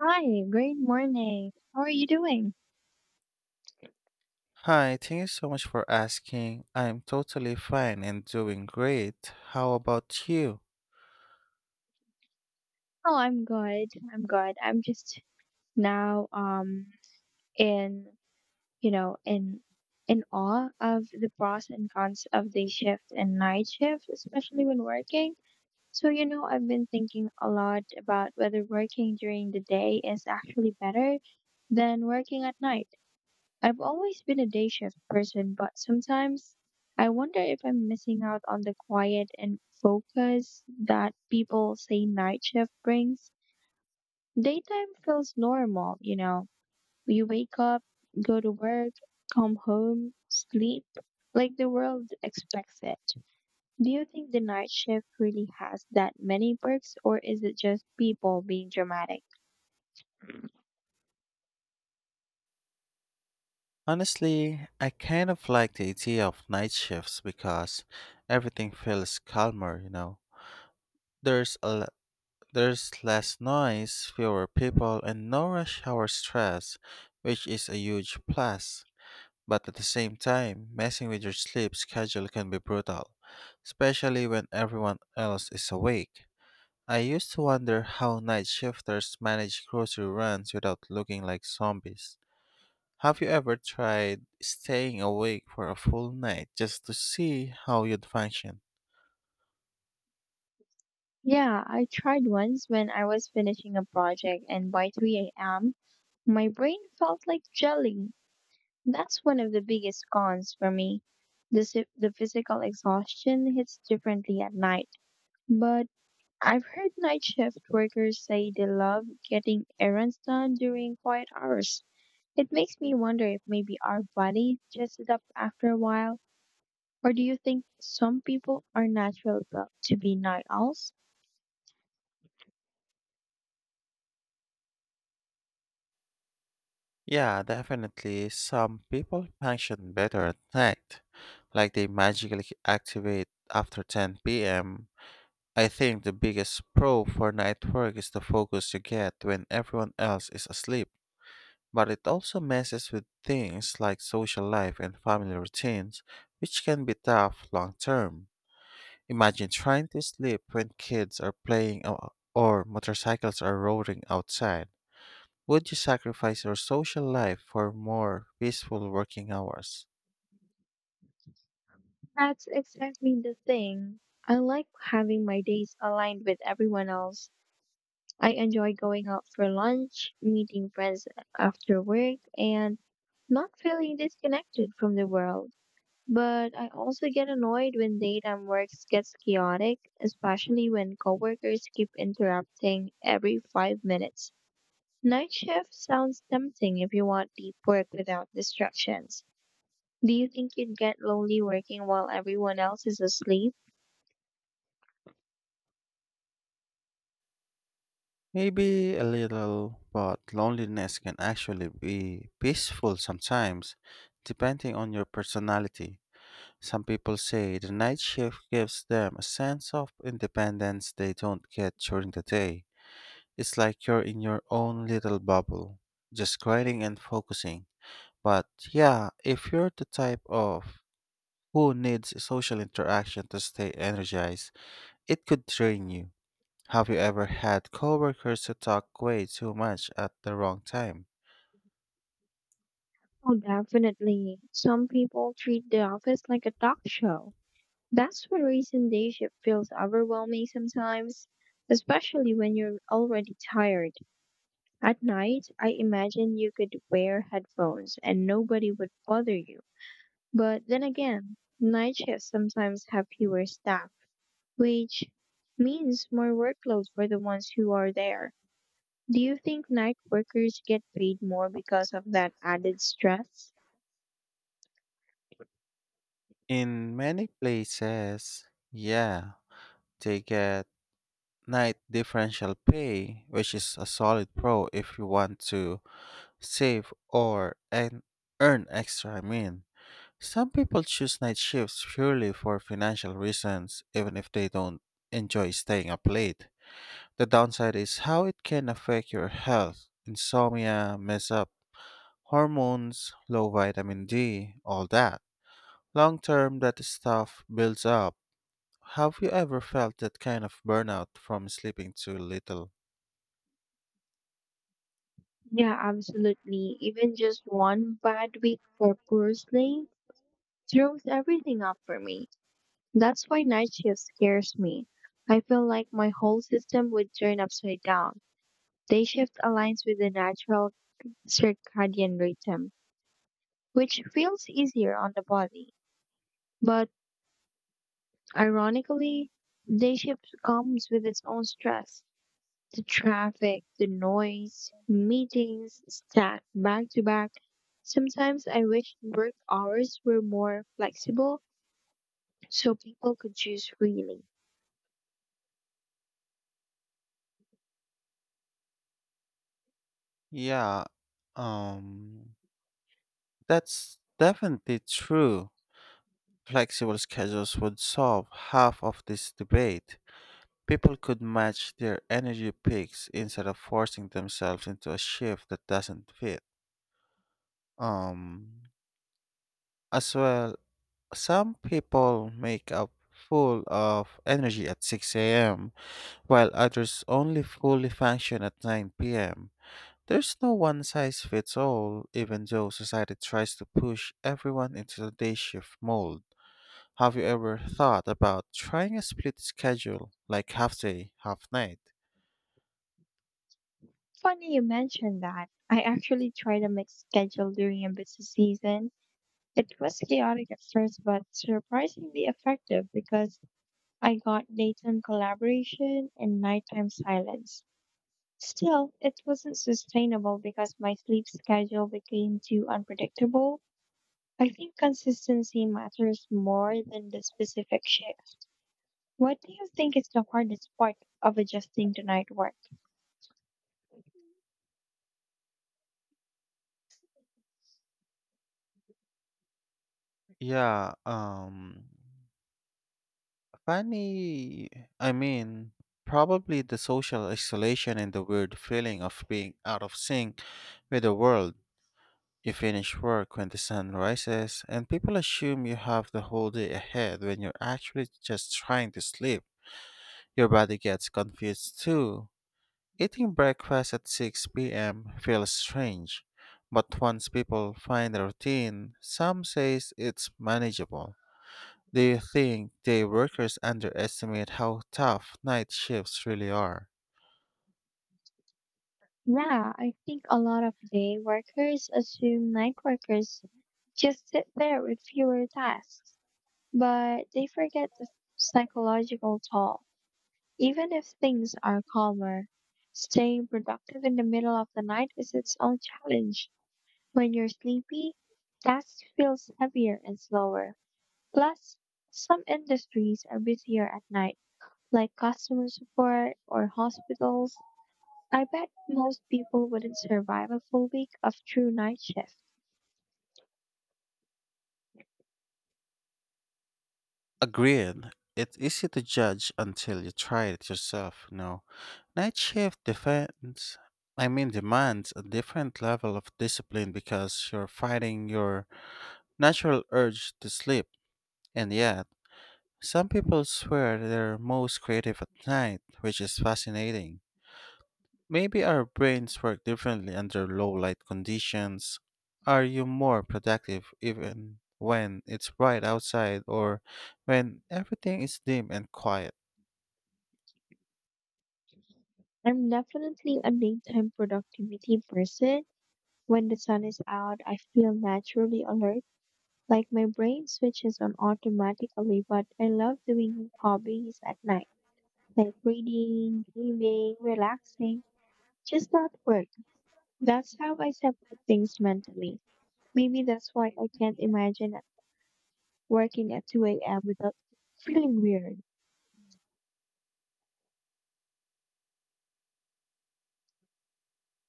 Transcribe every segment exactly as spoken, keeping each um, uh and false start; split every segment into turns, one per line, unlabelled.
Hi, great morning. How are you doing?
Hi, thank you so much for asking. I'm totally fine and doing great. How about you?
Oh, I'm good. I'm good. I'm just now um in, you know, in in awe of the pros and cons of day shift and night shift, especially when working. So, you know, I've been thinking a lot about whether working during the day is actually better than working at night. I've always been a day shift person, but sometimes I wonder if I'm missing out on the quiet and focus that people say night shift brings. Daytime feels normal, you know. You wake up, go to work, come home, sleep, like the world expects it. Do you think the night shift really has that many perks, or is it just people being dramatic?
Honestly, I kind of like the idea of night shifts because everything feels calmer, you know. There's a l- there's less noise, fewer people, and no rush hour stress, which is a huge plus. But at the same time, messing with your sleep schedule can be brutal, especially when everyone else is awake. I used to wonder how night shifters manage grocery runs without looking like zombies. Have you ever tried staying awake for a full night just to see how you'd function?
Yeah, I tried once when I was finishing a project, and by three a m, my brain felt like jelly. That's one of the biggest cons for me. The, si- the physical exhaustion hits differently at night. But I've heard night shift workers say they love getting errands done during quiet hours. It makes me wonder if maybe our body just adapt after a while, or do you think some people are natural built to be night owls?
Yeah, definitely. Some people function better at night, like they magically activate after ten p m. I think the biggest pro for night work is the focus you get when everyone else is asleep, but it also messes with things like social life and family routines, which can be tough long term. Imagine trying to sleep when kids are playing o- or motorcycles are roaring outside. Would you sacrifice your social life for more peaceful working hours?
That's exactly the thing. I like having my days aligned with everyone else. I enjoy going out for lunch, meeting friends after work, and not feeling disconnected from the world. But I also get annoyed when daytime work gets chaotic, especially when coworkers keep interrupting every five minutes. Night shift sounds tempting if you want deep work without distractions. Do you think you'd get lonely working while everyone else is asleep?
Maybe a little, but loneliness can actually be peaceful sometimes, depending on your personality. Some people say the night shift gives them a sense of independence they don't get during the day. It's like you're in your own little bubble, just grinding and focusing. But yeah, if you're the type of who needs social interaction to stay energized, it could drain you. Have you ever had coworkers who talk way too much at the wrong time?
Oh, definitely. Some people treat the office like a talk show. That's the reason day shift feels overwhelming sometimes, especially when you're already tired. At night, I imagine you could wear headphones and nobody would bother you. But then again, night shifts sometimes have fewer staff, which means more workload for the ones who are there. Do you think night workers get paid more because of that added stress?
In many places, yeah, they get night differential pay, which is a solid pro if you want to save or and earn extra. I mean, some people choose night shifts purely for financial reasons, even if they don't enjoy staying up late. The downside is how it can affect your health, insomnia, mess up, hormones, low vitamin D, all that. Long term, that stuff builds up. Have you ever felt that kind of burnout from sleeping too little?
Yeah, absolutely. Even just one bad week for poor sleep throws everything up for me. That's why night shift scares me. I feel like my whole system would turn upside down. Day shift aligns with the natural circadian rhythm, which feels easier on the body. But ironically, day shift comes with its own stress. The traffic, the noise, meetings stacked back to back. Sometimes I wish work hours were more flexible so people could choose freely.
Yeah, um, that's definitely true. Flexible schedules would solve half of this debate. People could match their energy peaks instead of forcing themselves into a shift that doesn't fit. Um, as well, some people make up full of energy at six a m, while others only fully function at nine p m. There's no one size fits all, even though society tries to push everyone into the day shift mold. Have you ever thought about trying a split schedule, like half day, half night?
Funny you mentioned that. I actually tried a mixed schedule during a busy season. It was chaotic at first, but surprisingly effective because I got daytime collaboration and nighttime silence. Still, it wasn't sustainable because my sleep schedule became too unpredictable. I think consistency matters more than the specific shift. What do you think is the hardest part of adjusting to night work?
Yeah, um, funny. I mean, probably the social isolation and the weird feeling of being out of sync with the world. You finish work when the sun rises, and people assume you have the whole day ahead when you're actually just trying to sleep. Your body gets confused too. Eating breakfast at six p m feels strange, but once people find a routine, some says it's manageable. Do you think day workers underestimate how tough night shifts really are?
Yeah, I think a lot of day workers assume night workers just sit there with fewer tasks, but they forget the psychological toll. Even if things are calmer, staying productive in the middle of the night is its own challenge. When you're sleepy, tasks feels heavier and slower. Plus, some industries are busier at night, like customer support or hospitals. I bet most people wouldn't survive a full week of true night shift.
Agreed. It's easy to judge until you try it yourself, no. Night shift defends I mean demands a different level of discipline because you're fighting your natural urge to sleep. And yeah, some people swear they're most creative at night, which is fascinating. Maybe our brains work differently under low light conditions. Are you more productive even when it's bright outside or when everything is dim and quiet?
I'm definitely a daytime productivity person. When the sun is out, I feel naturally alert, like my brain switches on automatically, but I love doing hobbies at night, like reading, gaming, relaxing, just not work. That's how I separate things mentally. Maybe that's why I can't imagine working at two a m without feeling weird.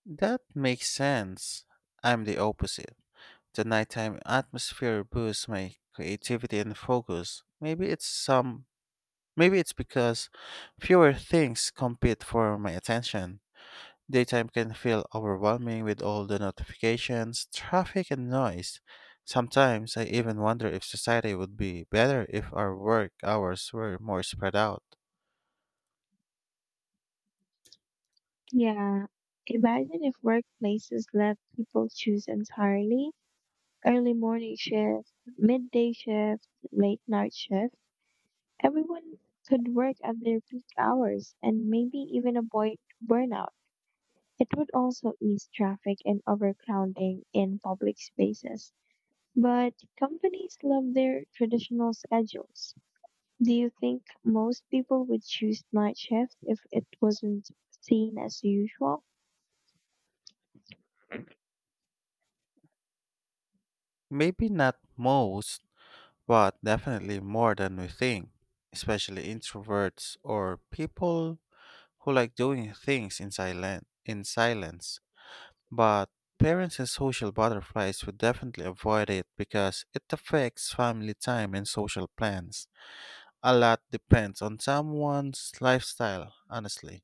That makes sense. I'm the opposite. The nighttime atmosphere boosts my creativity and focus. Maybe it's some maybe it's because fewer things compete for my attention. Daytime can feel overwhelming with all the notifications, traffic, and noise. Sometimes I even wonder if society would be better if our work hours were more spread out.
Yeah, imagine if workplaces let people choose entirely early morning shift, midday shift, late night shift. Everyone could work at their peak hours and maybe even avoid burnout. It would also ease traffic and overcrowding in public spaces. But companies love their traditional schedules. Do you think most people would choose night shift if it wasn't seen as usual?
Maybe not most, but definitely more than we think, especially introverts or people who like doing things in, silen- in silence. But parents and social butterflies would definitely avoid it because it affects family time and social plans. A lot depends on someone's lifestyle, honestly.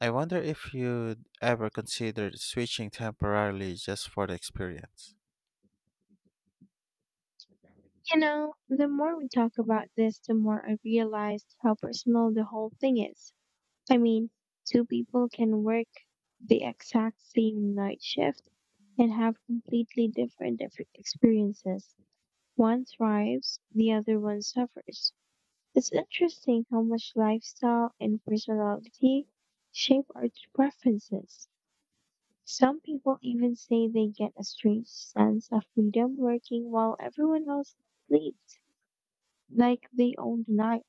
I wonder if you'd ever consider switching temporarily just for the experience.
You know, the more we talk about this, the more I realized how personal the whole thing is. I mean, two people can work the exact same night shift and have completely different ex- experiences. One thrives, the other one suffers. It's interesting how much lifestyle and personality shape our preferences. Some people even say they get a strange sense of freedom working while everyone else sleeps, like they own the night.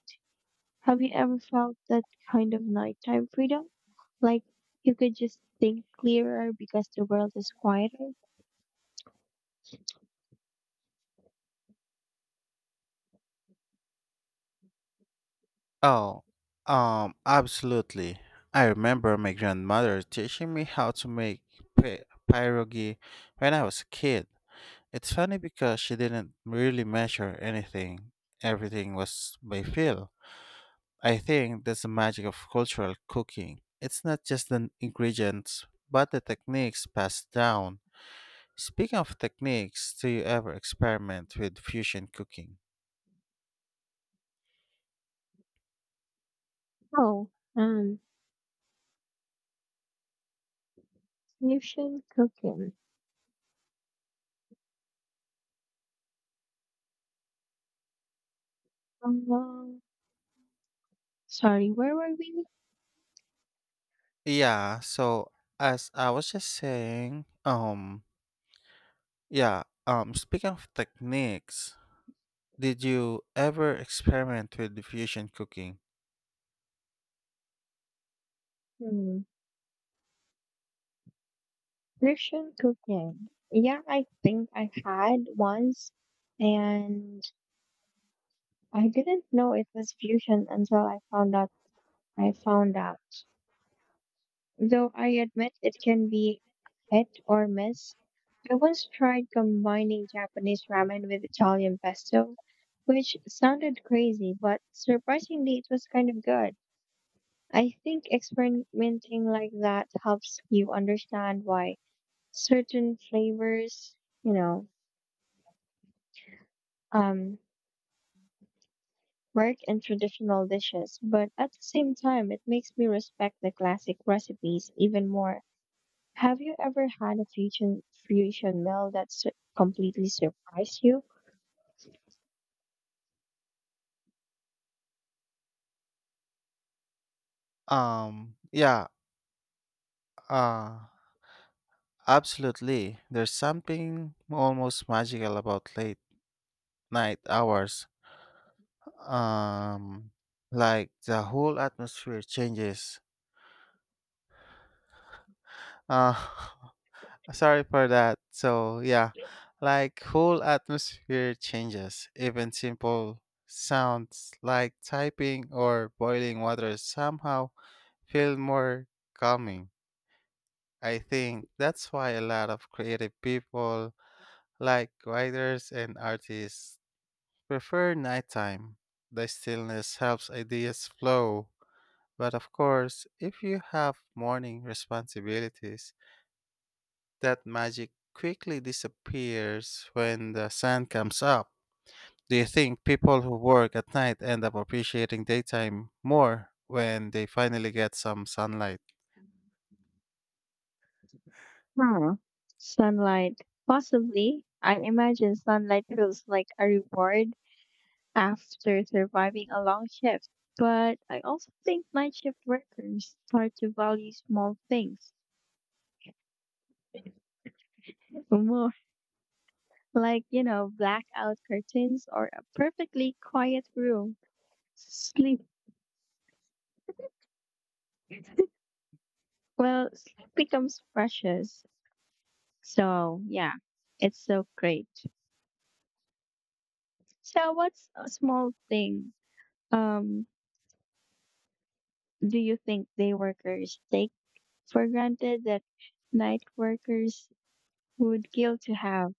Have you ever felt that kind of nighttime freedom? Like you could just think clearer because the world is quieter?
Oh, um, absolutely. I remember my grandmother teaching me how to make pi- pierogi when I was a kid. It's funny because she didn't really measure anything, everything was by feel. I think that's the magic of cultural cooking. It's not just the ingredients, but the techniques passed down. Speaking of techniques, do you ever experiment with fusion cooking?
Oh, um, you should cook in. Um, sorry, where were we?
Yeah, so as I was just saying, um yeah, um speaking of techniques, did you ever experiment with the fusion cooking?
Hmm. Christian cooking. Yeah, I think I had once, and I didn't know it was fusion until I found out. I found out. Though I admit it can be hit or miss. I once tried combining Japanese ramen with Italian pesto, which sounded crazy, but surprisingly, it was kind of good. I think experimenting like that helps you understand why certain flavors, you know, um, work and traditional dishes, but at the same time, it makes me respect the classic recipes even more. Have you ever had a fusion fusion meal that su- completely surprised you?
Um yeah, uh Absolutely. There's something almost magical about late night hours, um like the whole atmosphere changes. uh Sorry for that. So yeah, like whole atmosphere changes. Even simple sounds like typing or boiling water somehow feel more calming. I think that's why a lot of creative people like writers and artists prefer nighttime. The stillness helps ideas flow. But of course, if you have morning responsibilities, that magic quickly disappears when the sun comes up. Do you think people who work at night end up appreciating daytime more when they finally get some sunlight?
Huh. Sunlight. Possibly. I imagine sunlight feels like a reward after surviving a long shift. But I also think night shift workers start to value small things more, like, you know, blackout curtains or a perfectly quiet room. Sleep, well, sleep becomes precious. So, yeah, it's so great. So, what's a small thing um, do you think day workers take for granted that night workers would kill to have?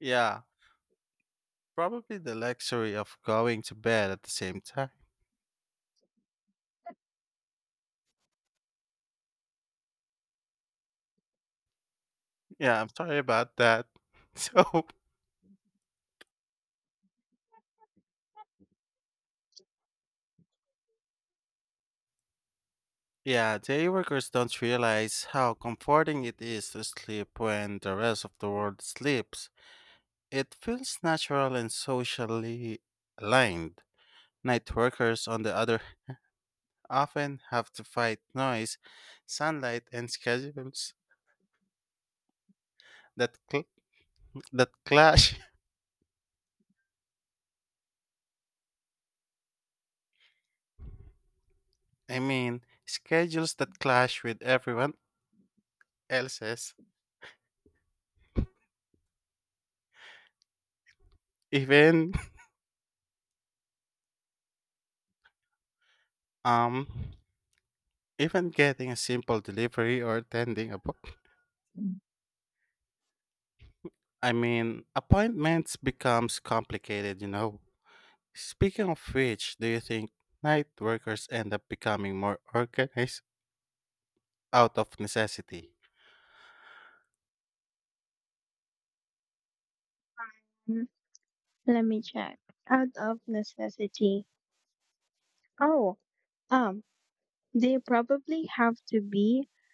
Yeah, probably the luxury of going to bed at the same time. Yeah, I'm sorry about that. So, yeah, day workers don't realize how comforting it is to sleep when the rest of the world sleeps. It feels natural and socially aligned. Night workers, on the other, often have to fight noise, sunlight, and schedules that cl- that clash. I mean, schedules that clash with everyone else's. Even um, even getting a simple delivery or attending a, book. I mean, appointments becomes complicated. You know. Speaking of which, do you think night workers end up becoming more organized out of necessity?
Hmm, let me check. Out of necessity. Oh, um, they probably have to be.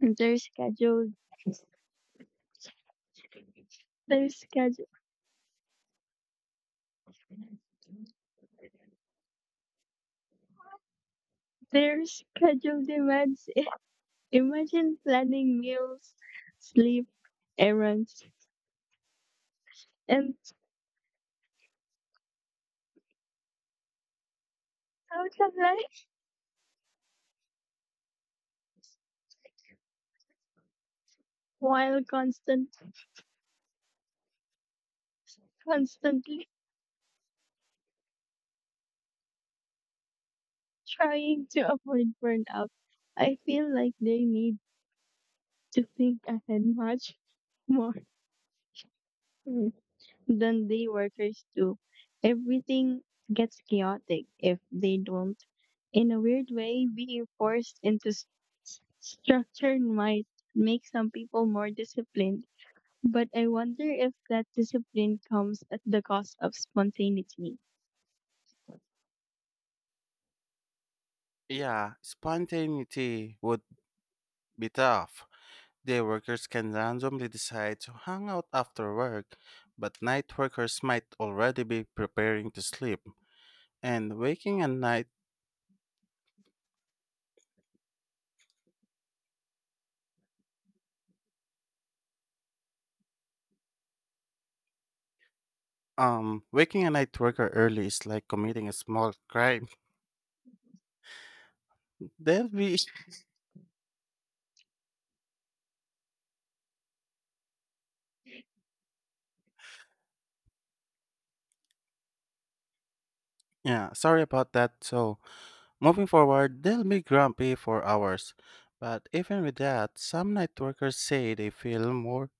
They're scheduled. They're scheduled. Their schedule demands it. Imagine planning meals, sleep, errands, and social life while constant, constantly trying to avoid burnout. I feel like they need to think ahead much more than day workers do. Everything gets chaotic if they don't. In a weird way, being forced into s- s- structure might make some people more disciplined, but I wonder if that discipline comes at the cost of spontaneity.
Yeah, spontaneity would be tough. Day workers can randomly decide to hang out after work, but night workers might already be preparing to sleep. And waking a night um waking a night worker early is like committing a small crime. They'll be yeah, sorry about that. So moving forward, They'll be grumpy for hours. But even with that, some night workers say they feel more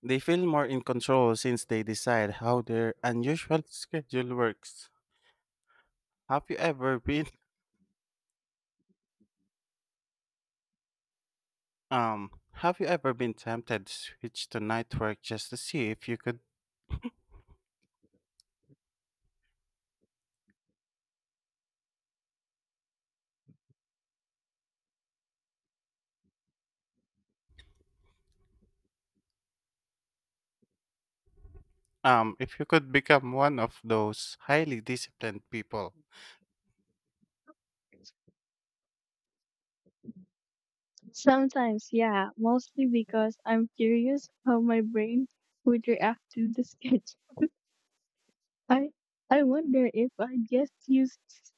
They feel more in control since they decide how their unusual schedule works. Have you ever been um have you ever been tempted to switch to night work just to see if you could um if you could become one of those highly disciplined people?
Sometimes, yeah, mostly because I'm curious how my brain would react to the sketch. I I wonder if I get used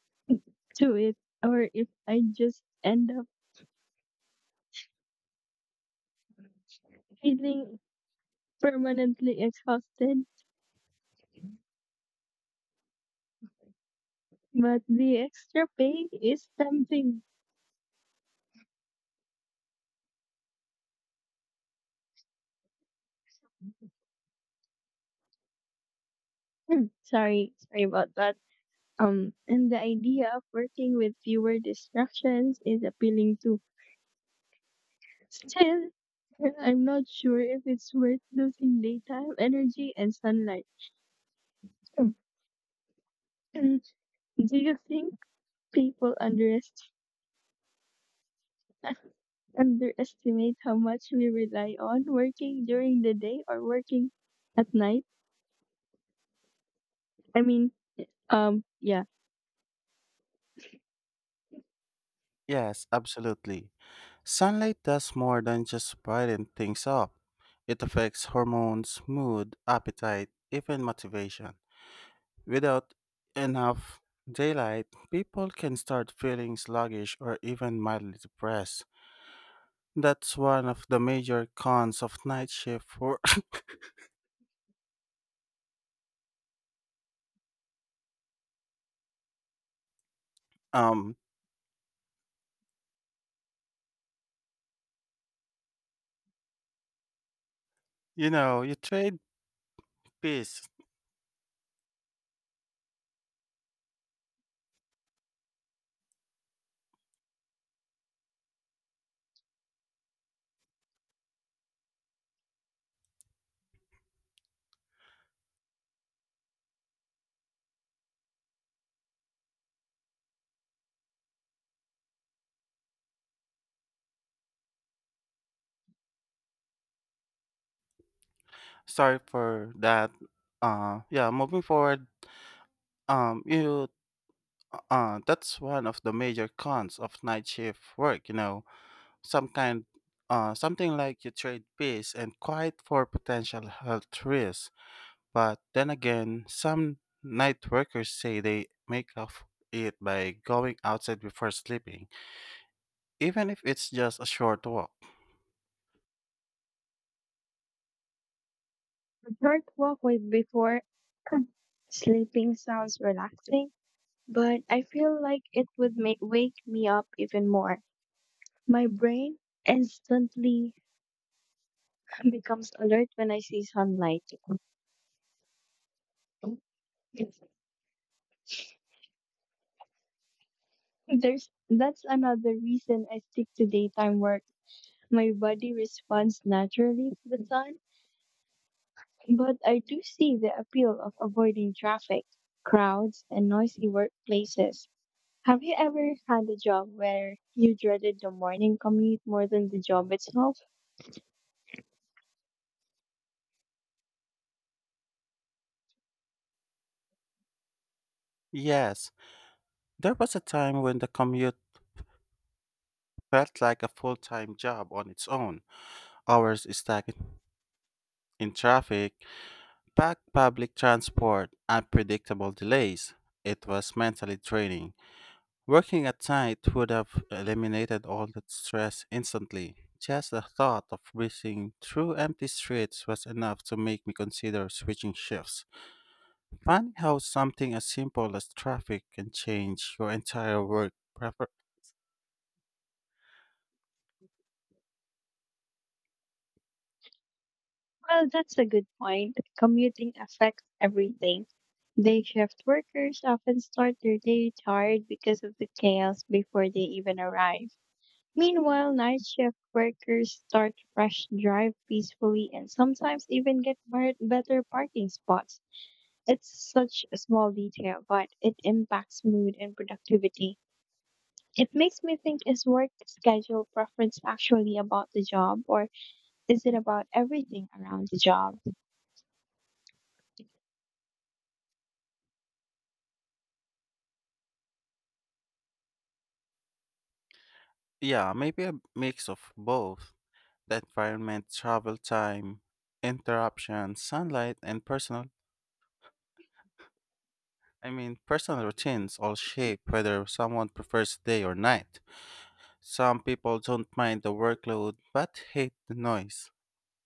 to it or if I just end up feeling permanently exhausted. But the extra pay is tempting. Sorry, sorry about that. Um, and the idea of working with fewer distractions is appealing too. Still, I'm not sure if it's worth losing daytime energy and sunlight. Mm. And do you think people underest- underestimate how much we rely on working during the day or working at night? I mean, um, yeah.
Yes, absolutely. Sunlight does more than just brighten things up. It affects hormones, mood, appetite, even motivation. Without enough daylight, people can start feeling sluggish or even mildly depressed. That's one of the major cons of night shift for um you know, you trade peace. Sorry for that. Uh yeah, moving forward, um you uh That's one of the major cons of night shift work, you know. Some kind uh Something like you trade peace and quiet for potential health risks. But then again, some night workers say they make up it by going outside before sleeping, even if it's just a short walk.
A short walk with before sleeping sounds relaxing, but I feel like it would make wake me up even more. My brain instantly becomes alert when I see sunlight. There's that's another reason I stick to daytime work. My body responds naturally to the sun, but I do see the appeal of avoiding traffic, crowds, and noisy workplaces. Have you ever had a job where you dreaded the morning commute more than the job itself?
Yes, there was a time when the commute felt like a full time job on its own. Hours stuck in traffic, packed public transport, unpredictable delays. It was mentally draining. Working at night would have eliminated all that stress instantly. Just the thought of breezing through empty streets was enough to make me consider switching shifts. Funny how something as simple as traffic can change your entire work prefer.
Well, that's a good point. Commuting affects everything. Day shift workers often start their day tired because of the chaos before they even arrive. Meanwhile, night shift workers start fresh, drive peacefully, and sometimes even get bar- better parking spots. It's such a small detail, but it impacts mood and productivity. It makes me think, is work schedule preference actually about the job, or is it about everything around the job?
Yeah, maybe a mix of both. The environment, travel time, interruptions, sunlight, and personal I mean personal routines all
Mhm.
shape whether someone prefers day or night. Some people don't mind the workload but hate the noise.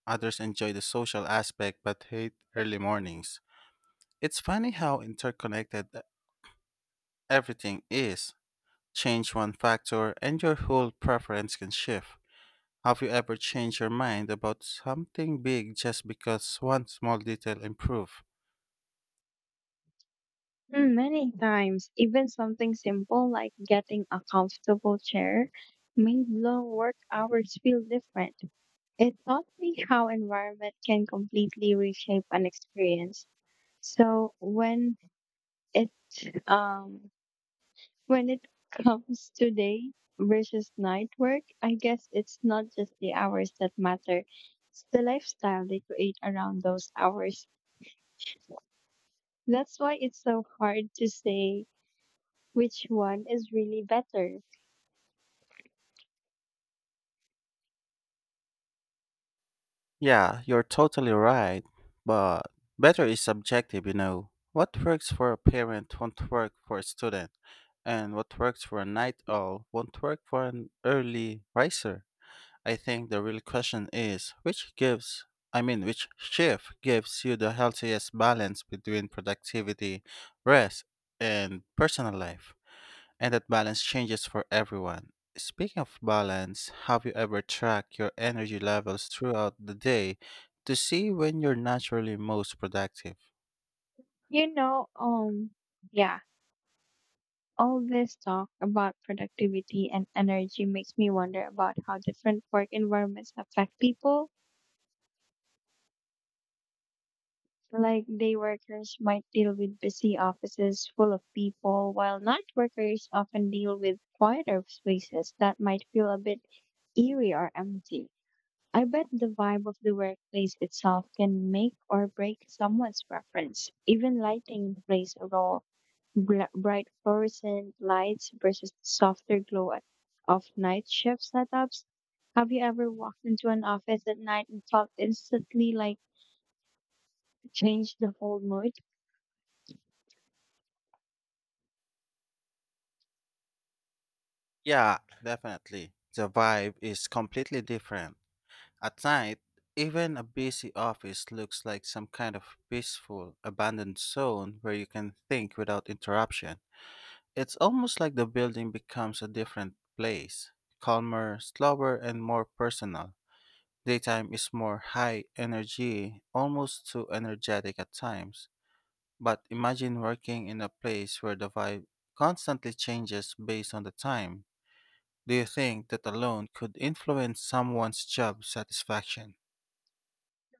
Others enjoy the social aspect but hate early mornings. It's funny how interconnected e-, everything is. Change one factor and your whole preference can shift. Have you ever changed your mind about something big just because one small detail improved?
Mm, many times, even something simple like getting a comfortable chair made long work hours feel different. It taught me how environment can completely reshape an experience. So when it um when it comes to day versus night work, I guess it's not just the hours that matter. It's the lifestyle they create around those hours. That's why it's so hard to say which one is really better.
Yeah, you're totally right. But better is subjective, you know. What works for a parent won't work for a student, and what works for a night owl won't work for an early riser. I think the real question is which gives, I mean, which shift gives you the healthiest balance between productivity, rest, and personal life? And that balance changes for everyone. Speaking of balance, have you ever tracked your energy levels throughout the day to see when you're naturally most productive?
You know, um yeah, all this talk about productivity and energy makes me wonder about how different work environments affect people. Like day workers might deal with busy offices full of people, while night workers often deal with quieter spaces that might feel a bit eerie or empty. I bet the vibe of the workplace itself can make or break someone's preference. Even lighting plays a role. Bl- bright fluorescent lights versus the softer glow at- of night shift setups. Have you ever walked into an office at night and felt instantly like changed the whole mood?
Yeah, definitely. The vibe is completely different. At night, even a busy office looks like some kind of peaceful, abandoned zone where you can think without interruption. It's almost like the building becomes a different place, calmer, slower, and more personal. Daytime is more high energy, almost too energetic at times. But imagine working in a place where the vibe constantly changes based on the time. Do you think that alone could influence someone's job satisfaction?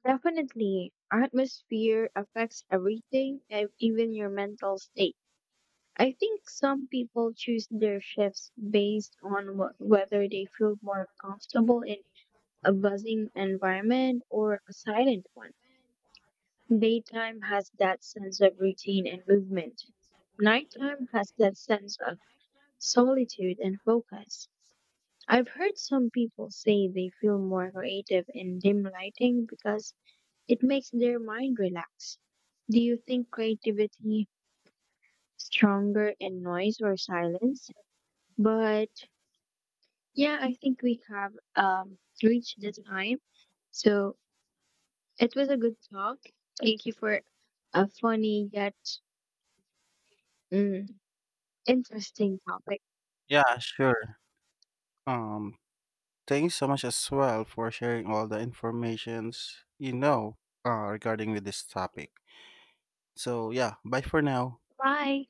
Definitely. Atmosphere affects everything, e- even your mental state. I think some people choose their shifts based on wh- whether they feel more comfortable in a buzzing environment or a silent one. Daytime has that sense of routine and movement. Nighttime has that sense of solitude and focus. I've heard some people say they feel more creative in dim lighting because it makes their mind relax. Do you think creativity stronger in noise or silence? But yeah, I think we have um, reached the time. So it was a good talk. Thank you for a funny yet mm, interesting topic.
Yeah, sure. Um, Thank you so much as well for sharing all the informations you know uh, regarding with this topic. So yeah, bye for now.
Bye.